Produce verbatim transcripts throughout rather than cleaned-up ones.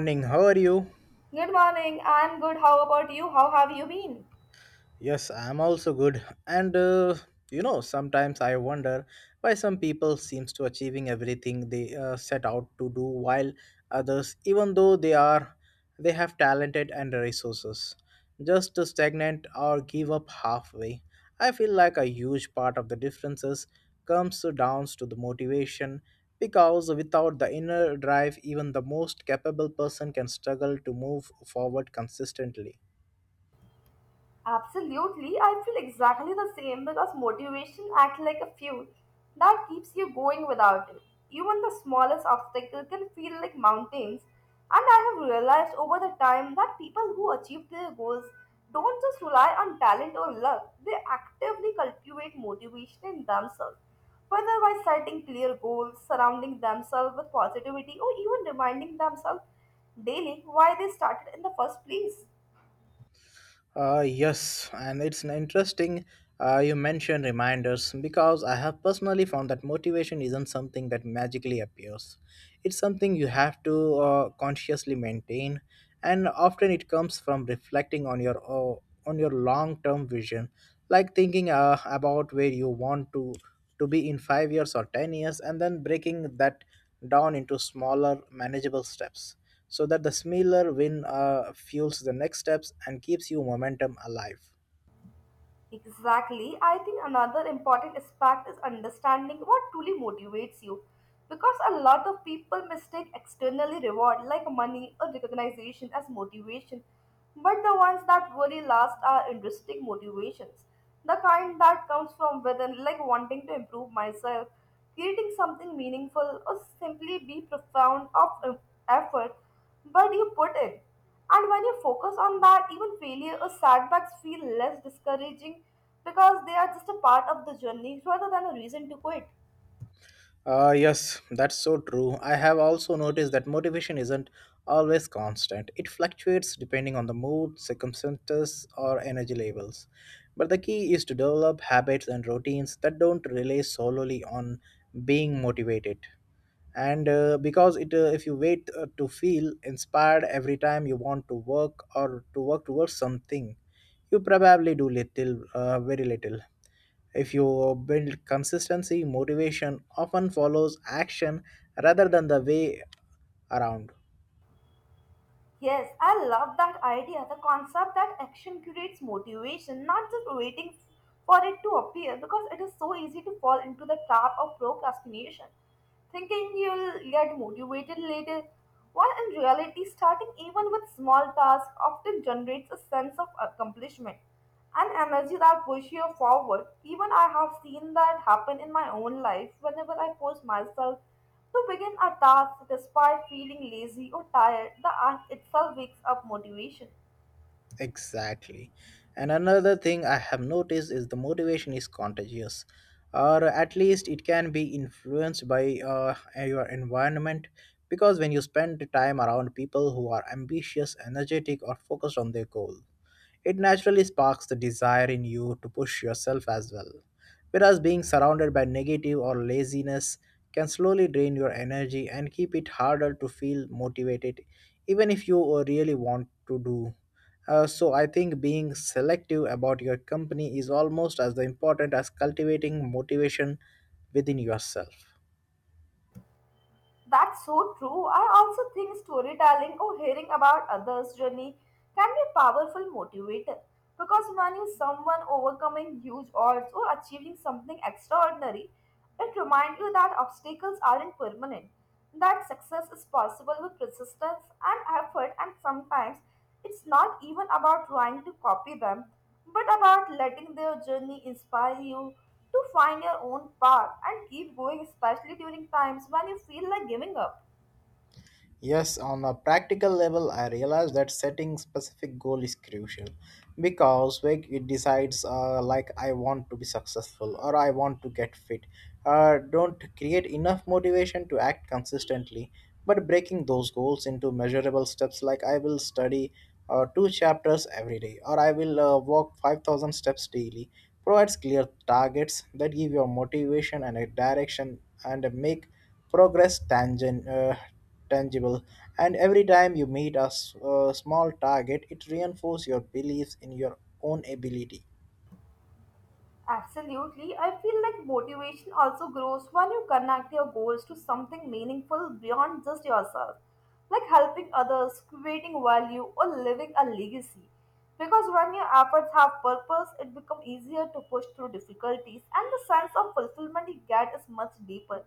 Morning. How are you? Good morning. I'm good. How about you? How have you been? Yes, I'm also good. And uh, you know, sometimes I wonder why some people seems to achieving everything they uh, set out to do, while others, even though they are they have talented and resources, just to stagnate or give up halfway. I feel like a huge part of the differences comes down to the motivation because without the inner drive even the most capable person can struggle to move forward consistently. Absolutely, I feel exactly the same because motivation acts like a fuel that keeps you going without it. Even the smallest obstacle can feel like mountains, and I have realized over the time that people who achieve their goals don't just rely on talent or luck, they actively cultivate motivation in themselves, whether by setting clear goals, surrounding themselves with positivity, or even reminding themselves daily why they started in the first place. Uh, yes, and it's an interesting uh, you mentioned reminders because I have personally found that motivation isn't something that magically appears. It's something you have to uh, consciously maintain, and often it comes from reflecting on your uh, on your long-term vision, like thinking uh, about where you want to to be in five years or ten years and then breaking that down into smaller manageable steps so that the smaller win uh, fuels the next steps and keeps you momentum alive. Exactly. I think another important aspect is understanding what truly motivates you. Because a lot of people mistake externally reward like money or recognition as motivation. But the ones that really last are intrinsic motivations. The kind that comes from within, like wanting to improve myself, creating something meaningful, or simply be profound of uh, effort. But you put in. And when you focus on that, even failure or setbacks feel less discouraging because they are just a part of the journey rather than a reason to quit. Uh, yes, that's so true. I have also noticed that motivation isn't always constant. It fluctuates depending on the mood, circumstances, or energy levels. But the key is to develop habits and routines that don't rely solely on being motivated. And uh, Because it uh, if you wait uh, to feel inspired every time you want to work or to work towards something you probably do little uh, very little. If you build consistency motivation often follows action rather than the way around. Yes, I love that idea. The concept that action creates motivation, not just waiting for it to appear, because it is so easy to fall into the trap of procrastination, thinking you'll get motivated later. While in reality, starting even with small tasks often generates a sense of accomplishment and energy that pushes you forward. Even I have seen that happen in my own life whenever I force myself to begin a task despite feeling lazy or tired, the act itself wakes up motivation. Exactly. And another thing I have noticed is the motivation is contagious, or at least it can be influenced by uh, your environment. Because when you spend time around people who are ambitious, energetic, or focused on their goal, it naturally sparks the desire in you to push yourself as well. Whereas being surrounded by negative or laziness can slowly drain your energy and keep it harder to feel motivated, even if you uh, really want to do. Uh, so I think being selective about your company is almost as important as cultivating motivation within yourself. That's so true. I also think storytelling or hearing about others' journey can be a powerful motivator because when you see someone overcoming huge odds or achieving something extraordinary, it reminds you that obstacles aren't permanent, that success is possible with persistence and effort, and sometimes it's not even about trying to copy them but about letting their journey inspire you to find your own path and keep going, especially during times when you feel like giving up. Yes, on a practical level, I realize that setting specific goal is crucial because when it decides uh, like I want to be successful or I want to get fit, uh, don't create enough motivation to act consistently. But breaking those goals into measurable steps, like I will study uh, two chapters every day or I will uh, walk five thousand steps daily, provides clear targets that give your motivation and a direction and make progress tangent. Uh, tangible. And every time you meet a, s- a small target it reinforces your beliefs in your own ability. Absolutely. I feel like motivation also grows when you connect your goals to something meaningful beyond just yourself, like helping others, creating value, or living a legacy. Because when your efforts have purpose, it becomes easier to push through difficulties, and the sense of fulfillment you get is much deeper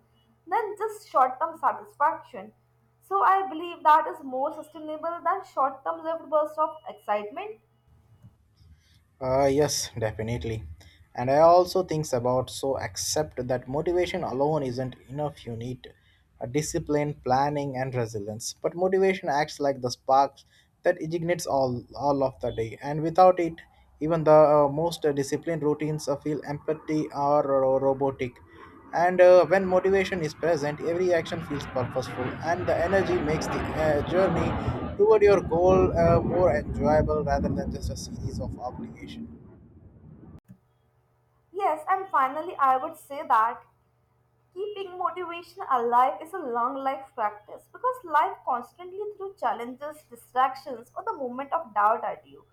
than just short term satisfaction. So, I believe that is more sustainable than short term lived bursts of excitement. Uh, yes definitely. And I also think about so accept that motivation alone isn't enough. You need a discipline planning and resilience, but motivation acts like the spark that ignites all all of the day, and without it even the uh, most uh, disciplined routines uh, feel empty or, or robotic. And uh, when motivation is present, every action feels purposeful, and the energy makes the uh, journey toward your goal uh, more enjoyable rather than just a series of obligation. Yes, and finally, I would say that. Keeping motivation alive is a long life practice because life constantly throws challenges, distractions, or the moment of doubt at you.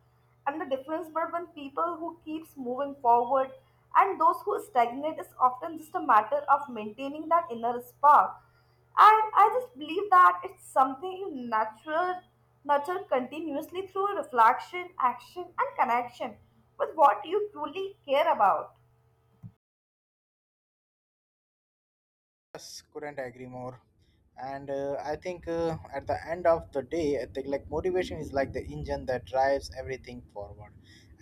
And the difference between people who keeps moving forward and those who stagnate is often just a matter of maintaining that inner spark. And I just believe that it's something you natural nurture continuously through reflection, action, and connection with what you truly care about. Yes, couldn't agree more. And uh, I think uh, at the end of the day, I think like motivation is like the engine that drives everything forward.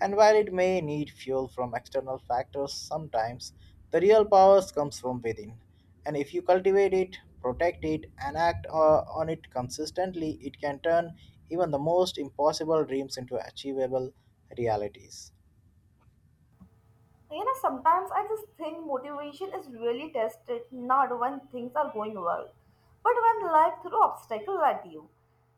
And while it may need fuel from external factors sometimes, the real power comes from within. And if you cultivate it, protect it, and act uh, on it consistently, it can turn even the most impossible dreams into achievable realities. You know, sometimes I just think motivation is really tested not when things are going well, but when life throws obstacles at you.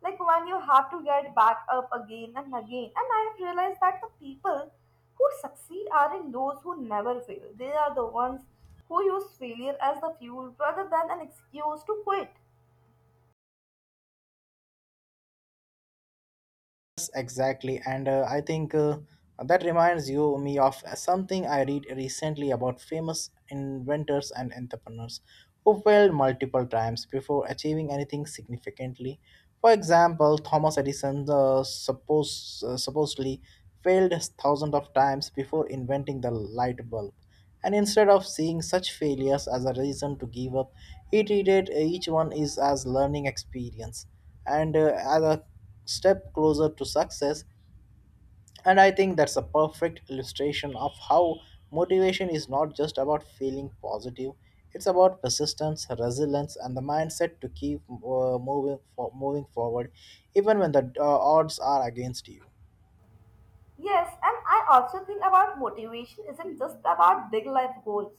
Like when you have to get back up again and again. And I have realized that the people who succeed aren't those who never fail, they are the ones who use failure as the fuel rather than an excuse to quit. Yes, exactly. And uh, I think uh, that reminds you me of something I read recently about famous inventors and entrepreneurs who failed multiple times before achieving anything significantly. For example, Thomas Edison uh, suppose, uh, supposedly failed thousands of times before inventing the light bulb. And instead of seeing such failures as a reason to give up, he treated uh, each one is as learning experience and uh, as a step closer to success. And I think that's a perfect illustration of how motivation is not just about feeling positive, it's about persistence, resilience, and the mindset to keep uh, moving, for, moving forward, even when the uh, odds are against you. Yes, and I also think about motivation isn't just about big life goals.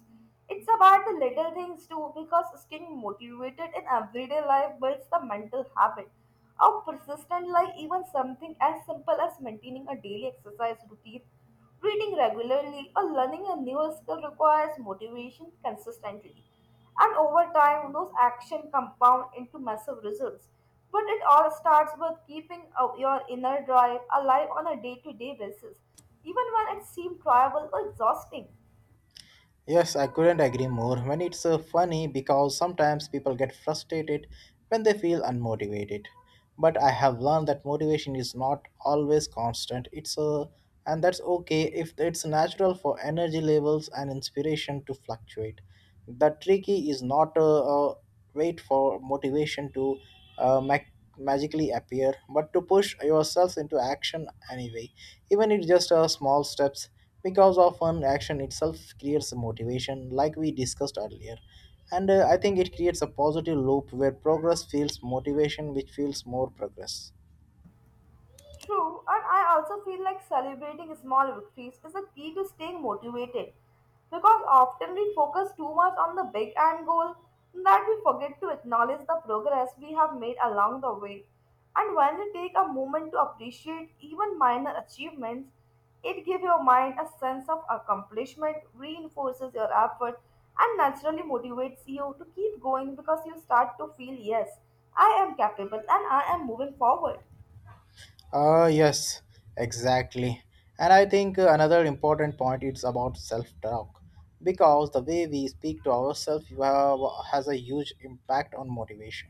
It's about the little things too, because staying motivated in everyday life builds the mental habit of persistent like even something as simple as maintaining a daily exercise routine, reading regularly, or learning a new skill requires motivation consistently. And over time, those actions compound into massive results. But it all starts with keeping uh, your inner drive alive on a day to day basis, even when it seems trivial or exhausting. Yes, I couldn't agree more. When it's uh, funny because sometimes people get frustrated when they feel unmotivated. But I have learned that motivation is not always constant. It's uh, And that's okay if it's natural for energy levels and inspiration to fluctuate. The trick is not uh, uh, wait for motivation to uh, mag- magically appear, but to push yourself into action anyway, even if just uh, small steps. Because often action itself creates a motivation, like we discussed earlier, and uh, I think it creates a positive loop where progress feels motivation, which feels more progress. True, and I also feel like celebrating small victories is the key to staying motivated because often we focus too much on the big end goal that we forget to acknowledge the progress we have made along the way. And when you take a moment to appreciate even minor achievements, it gives your mind a sense of accomplishment, reinforces your effort, and naturally motivates you to keep going because you start to feel, yes, I am capable and I am moving forward. Uh, yes, exactly. And I think uh, another important point is about self-talk, because the way we speak to ourselves have, has a huge impact on motivation.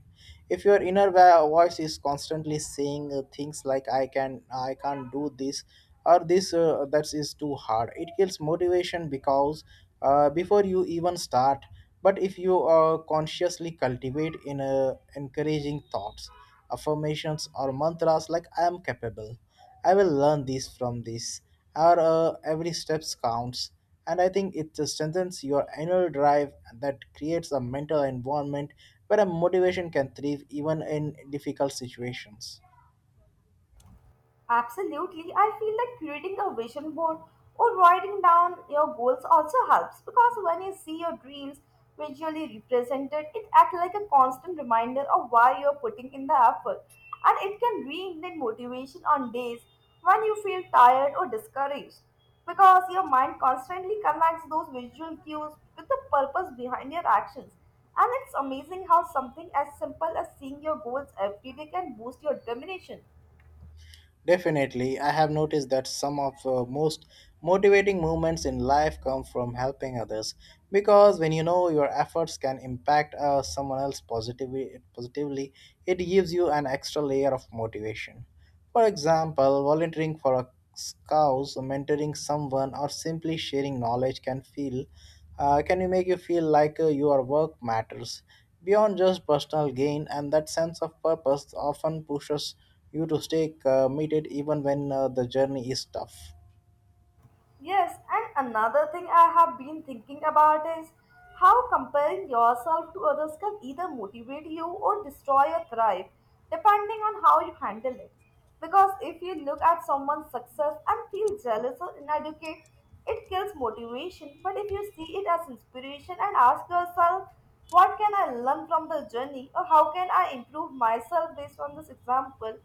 If your inner va- voice is constantly saying uh, things like "I can, I can't do this," or "This uh, that is too hard," it kills motivation because uh, before you even start. But if you uh, consciously cultivate in uh, encouraging thoughts affirmations, or mantras like I am capable. I will learn this from this, or uh, every step counts. And I think it strengthens your inner drive that creates a mental environment where a motivation can thrive even in difficult situations. Absolutely. I feel like creating a vision board or writing down your goals also helps because when you see your dreams visually represented, it acts like a constant reminder of why you're putting in the effort. And it can reignite motivation on days when you feel tired or discouraged because your mind constantly connects those visual cues with the purpose behind your actions. And it's amazing how something as simple as seeing your goals every day can boost your determination. Definitely, I have noticed that some of the most motivating moments in life come from helping others because when you know your efforts can impact uh, someone else positively, positively, it gives you an extra layer of motivation. For example, volunteering for a cause, mentoring someone, or simply sharing knowledge can feel uh, can you make you feel like uh, your work matters beyond just personal gain, and that sense of purpose often pushes you to stay committed even when uh, the journey is tough. Yes, and another thing I have been thinking about is how comparing yourself to others can either motivate you or destroy your thrive, depending on how you handle it. Because if you look at someone's success and feel jealous or inadequate, it kills motivation. But if you see it as inspiration and ask yourself, what can I learn from the journey or how can I improve myself based on this example?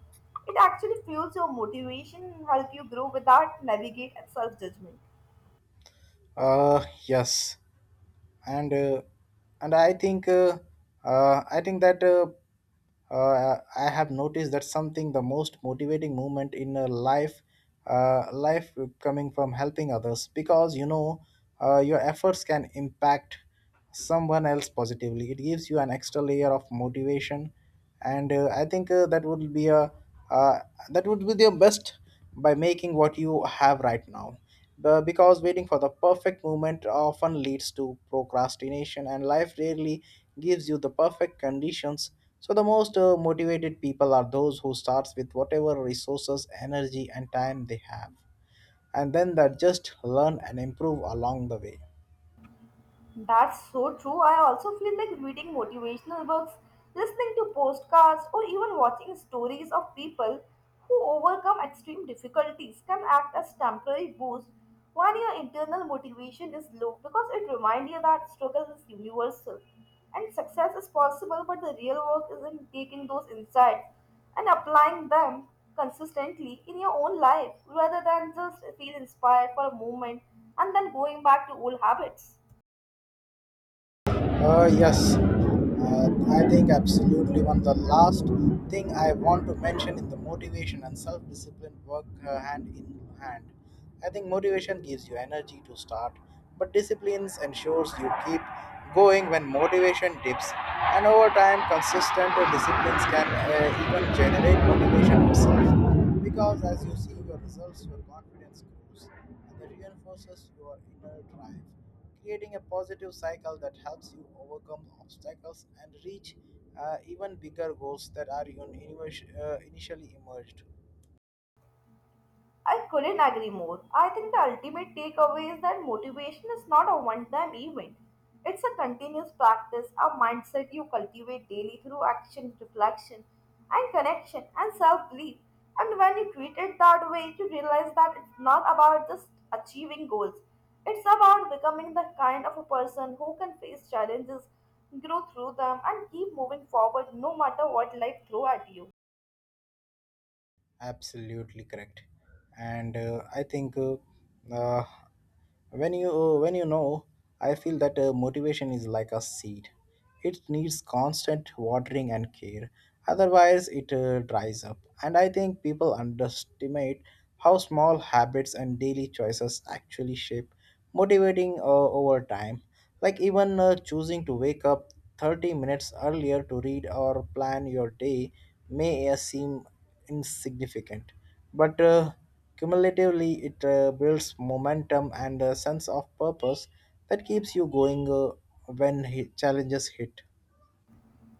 It actually fuels your motivation and help you grow without navigate self-judgment. Uh, yes. and uh, and I think uh, uh, I think that uh, uh, I have noticed that something the most motivating moment in a life uh, life coming from helping others because you know uh, your efforts can impact someone else positively. It gives you an extra layer of motivation, and uh, I think uh, that would be a uh, that would be the best by making what you have right now. Be- because waiting for the perfect moment often leads to procrastination, and life rarely gives you the perfect conditions, so the most uh, motivated people are those who starts with whatever resources energy and time they have, and then that just learn and improve along the way. That's so true. I also feel like reading motivational books, listening to podcasts, or even watching stories of people who overcome extreme difficulties can act as temporary boost when your internal motivation is low because it reminds you that struggle is universal and success is possible, but the real work is in taking those insights and applying them consistently in your own life rather than just feel inspired for a moment and then going back to old habits. Uh, yes, uh, I think absolutely one. The last thing I want to mention is the motivation and self discipline work uh, hand in hand. I think motivation gives you energy to start, but disciplines ensures you keep going when motivation dips. And over time, consistent disciplines can uh, even generate motivation itself because as you see your results, your confidence grows others, and that reinforces your inner drive, creating a positive cycle that helps you overcome obstacles and reach uh, even bigger goals that are un- inivas- uh, initially emerged. I couldn't agree more. I think the ultimate takeaway is that motivation is not a one time event. It's a continuous practice, a mindset you cultivate daily through action, reflection, and connection and self belief. And when you treat it that way, you realize that it's not about just achieving goals, it's about becoming the kind of a person who can face challenges, grow through them, and keep moving forward no matter what life throws at you. Absolutely correct. And uh, I think uh, uh, when you uh, when you know I feel that uh, motivation is like a seed. It needs constant watering and care, otherwise it uh, dries up. And I think people underestimate how small habits and daily choices actually shape motivating uh, over time. Like even uh, choosing to wake up thirty minutes earlier to read or plan your day may uh, seem insignificant, but uh, cumulatively it uh, builds momentum and a sense of purpose that keeps you going uh, when hit- challenges hit.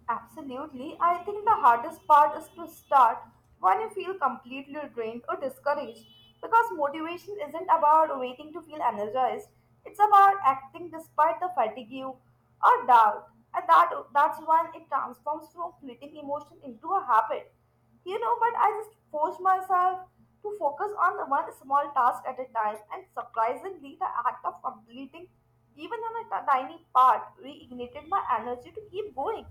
Absolutely. I think the hardest part is to start when you feel completely drained or discouraged because motivation isn't about waiting to feel energized. It's about acting despite the fatigue or doubt. And that that's when it transforms from fleeting emotion into a habit. You know, but I just forced myself to focus on the one small task at a time and surprisingly the act of completing even on a t- tiny part reignited my energy to keep going.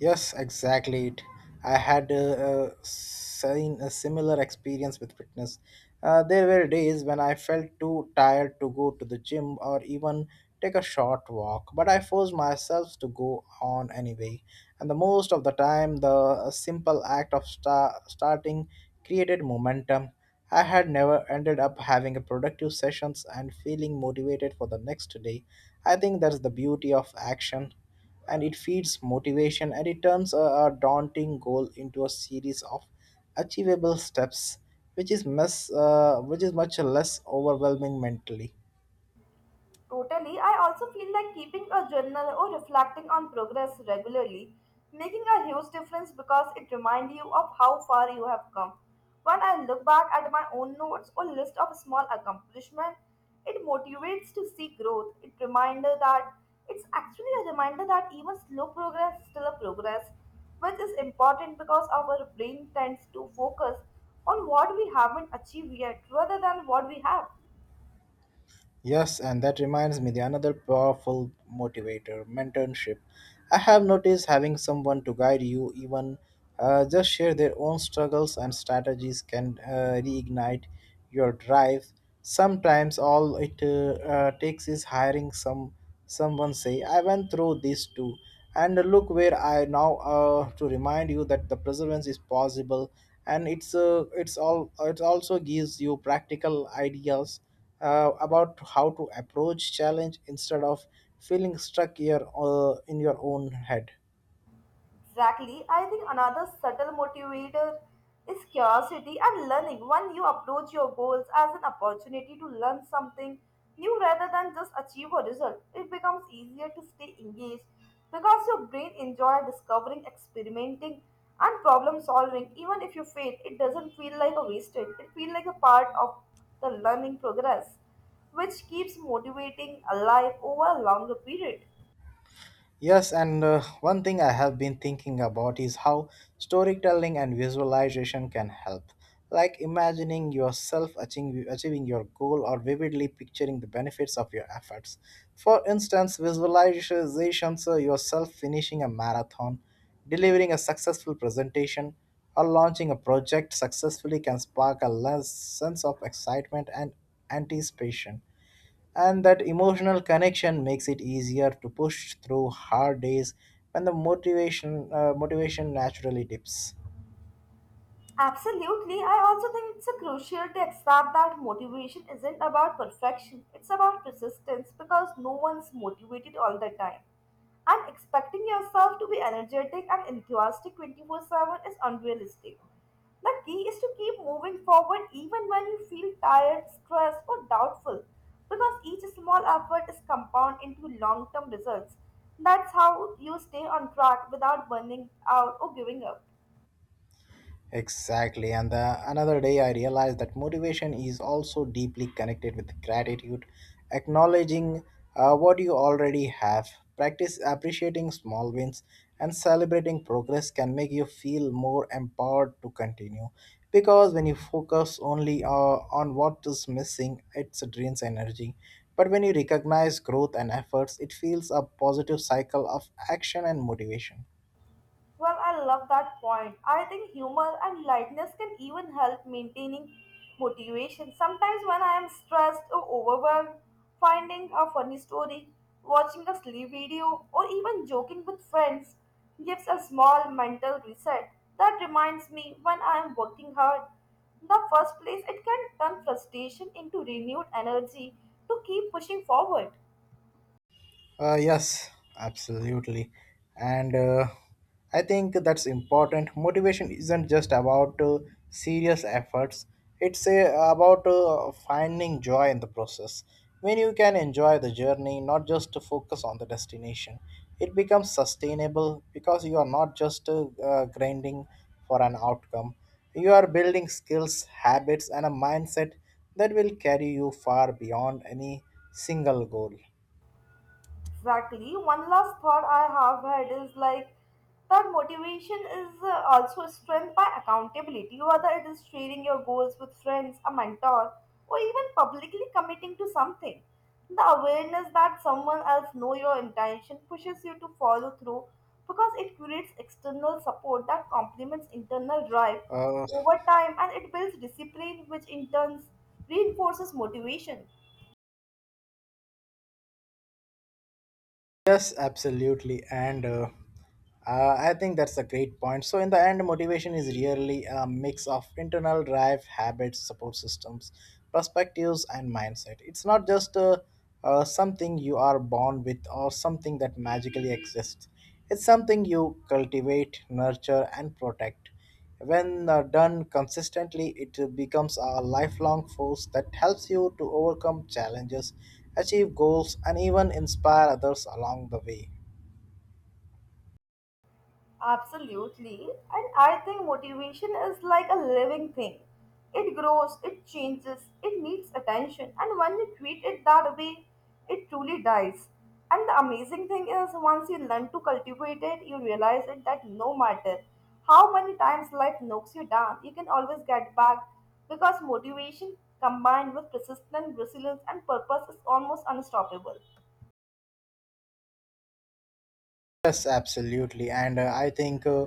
Yes, exactly. It. I had uh, uh, Seen a similar experience with fitness. Uh, there were days when I felt too tired to go to the gym or even take a short walk, but I forced myself to go on anyway. And the most of the time, the uh, simple act of sta- starting created momentum. I had never ended up having a productive sessions and feeling motivated for the next day. I think that's the beauty of action, and it feeds motivation and it turns a, a daunting goal into a series of achievable steps, which is mess, uh, which is much less overwhelming mentally. Totally. I also feel like keeping a journal or reflecting on progress regularly, making a huge difference because it reminds you of how far you have come. When I look back at my own notes or list of small accomplishments, it motivates to see growth. It reminder that it's actually a reminder that even slow progress is still a progress, which is important because our brain tends to focus on what we haven't achieved yet rather than what we have. Yes, and that reminds me the another powerful motivator, mentorship. I have noticed having someone to guide you, even uh, just share their own struggles and strategies, can uh, reignite your drive. Sometimes all it uh, uh, takes is hiring some someone say, "I went through this too," and look where I now uh, to remind you that the perseverance is possible, and it's uh, it's all it also gives you practical ideas uh, about how to approach challenge instead of feeling stuck here uh, in your own head. Exactly. I think another subtle motivator is curiosity and learning. When you approach your goals as an opportunity to learn something new rather than just achieve a result, it becomes easier to stay engaged because your brain enjoys discovering, experimenting, and problem solving. Even if you fail, it doesn't feel like a wasted, it feels like a part of the learning progress, which keeps motivating alive over a longer period. Yes, and uh, one thing I have been thinking about is how storytelling and visualization can help. Like imagining yourself achieving, achieving your goal or vividly picturing the benefits of your efforts. For instance, visualizations uh, yourself finishing a marathon, delivering a successful presentation, or launching a project successfully can spark a less sense of excitement and anticipation. And that emotional connection makes it easier to push through hard days when the motivation uh, motivation naturally dips. Absolutely. I also think it's a crucial to accept that motivation isn't about perfection. It's about persistence because no one's motivated all the time. And expecting yourself to be energetic and enthusiastic twenty-four seven is unrealistic. The key is to keep moving forward even when you feel tired, stressed, or doubtful because each small effort is compound into long-term results. That's how you stay on track without burning out or giving up. Exactly. And the, another day, I realized that motivation is also deeply connected with gratitude, acknowledging uh, what you already have. Practice appreciating small wins and celebrating progress can make you feel more empowered to continue. Because when you focus only uh, on what is missing, it drains energy. But when you recognize growth and efforts, it feels a positive cycle of action and motivation. Well, I love that point. I think humor and lightness can even help maintaining motivation. Sometimes when I am stressed or overwhelmed, finding a funny story, watching a silly video, or even joking with friends gives a small mental reset. That reminds me when I am working hard. In the first place, it can turn frustration into renewed energy to keep pushing forward. Uh, yes, absolutely. And uh, I think that's important. Motivation isn't just about uh, serious efforts, it's uh, about uh, finding joy in the process. When you can enjoy the journey, not just to focus on the destination, it becomes sustainable because you are not just uh, uh, grinding for an outcome. You are building skills, habits, and a mindset that will carry you far beyond any single goal. Exactly. One last thought I have had is like that motivation is uh, also strength by accountability, whether it is sharing your goals with friends, a mentor, or even publicly committing to something. The awareness that someone else know your intention pushes you to follow through because it creates external support that complements internal drive Uh, over time and it builds discipline which in turn reinforces motivation. Yes, absolutely. And uh, uh, I think that's a great point. So, in the end, motivation is really a mix of internal drive, habits, support systems, perspectives, and mindset. It's not just uh, uh, something you are born with or something that magically exists, it's something you cultivate, nurture, and protect. When uh, done consistently, it uh, becomes a lifelong force that helps you to overcome challenges, achieve goals, and even inspire others along the way. Absolutely. And I think motivation is like a living thing. It grows, it changes, it needs attention. And when you treat it that way, it truly dies. And the amazing thing is, once you learn to cultivate it, you realize it that no matter how many times life knocks you down, you can always get back because motivation combined with persistence, resilience, and purpose is almost unstoppable. Yes, absolutely. And uh, I think uh,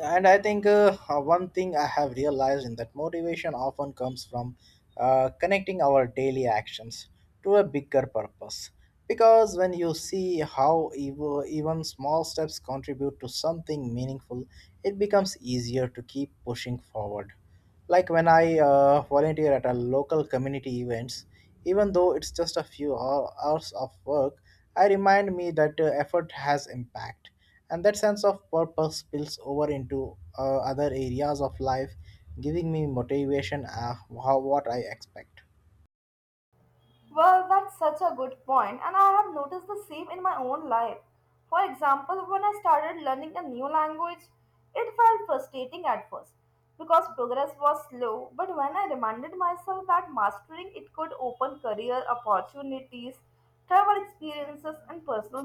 And I think uh, uh, one thing I have realized in that motivation often comes from uh, connecting our daily actions to a bigger purpose. Because when you see how ev- even small steps contribute to something meaningful, it becomes easier to keep pushing forward. Like when I uh, volunteer at a local community events, even though it's just a few hou- hours of work, I remind me that uh, effort has impact, and that sense of purpose spills over into uh, other areas of life, giving me motivation uh, how, what I expect. Well, that's such a good point, and I have noticed the same in my own life. For example, when I started learning a new language, it felt frustrating at first because progress was slow. But when I reminded myself that mastering it could open career opportunities, travel experiences, and personal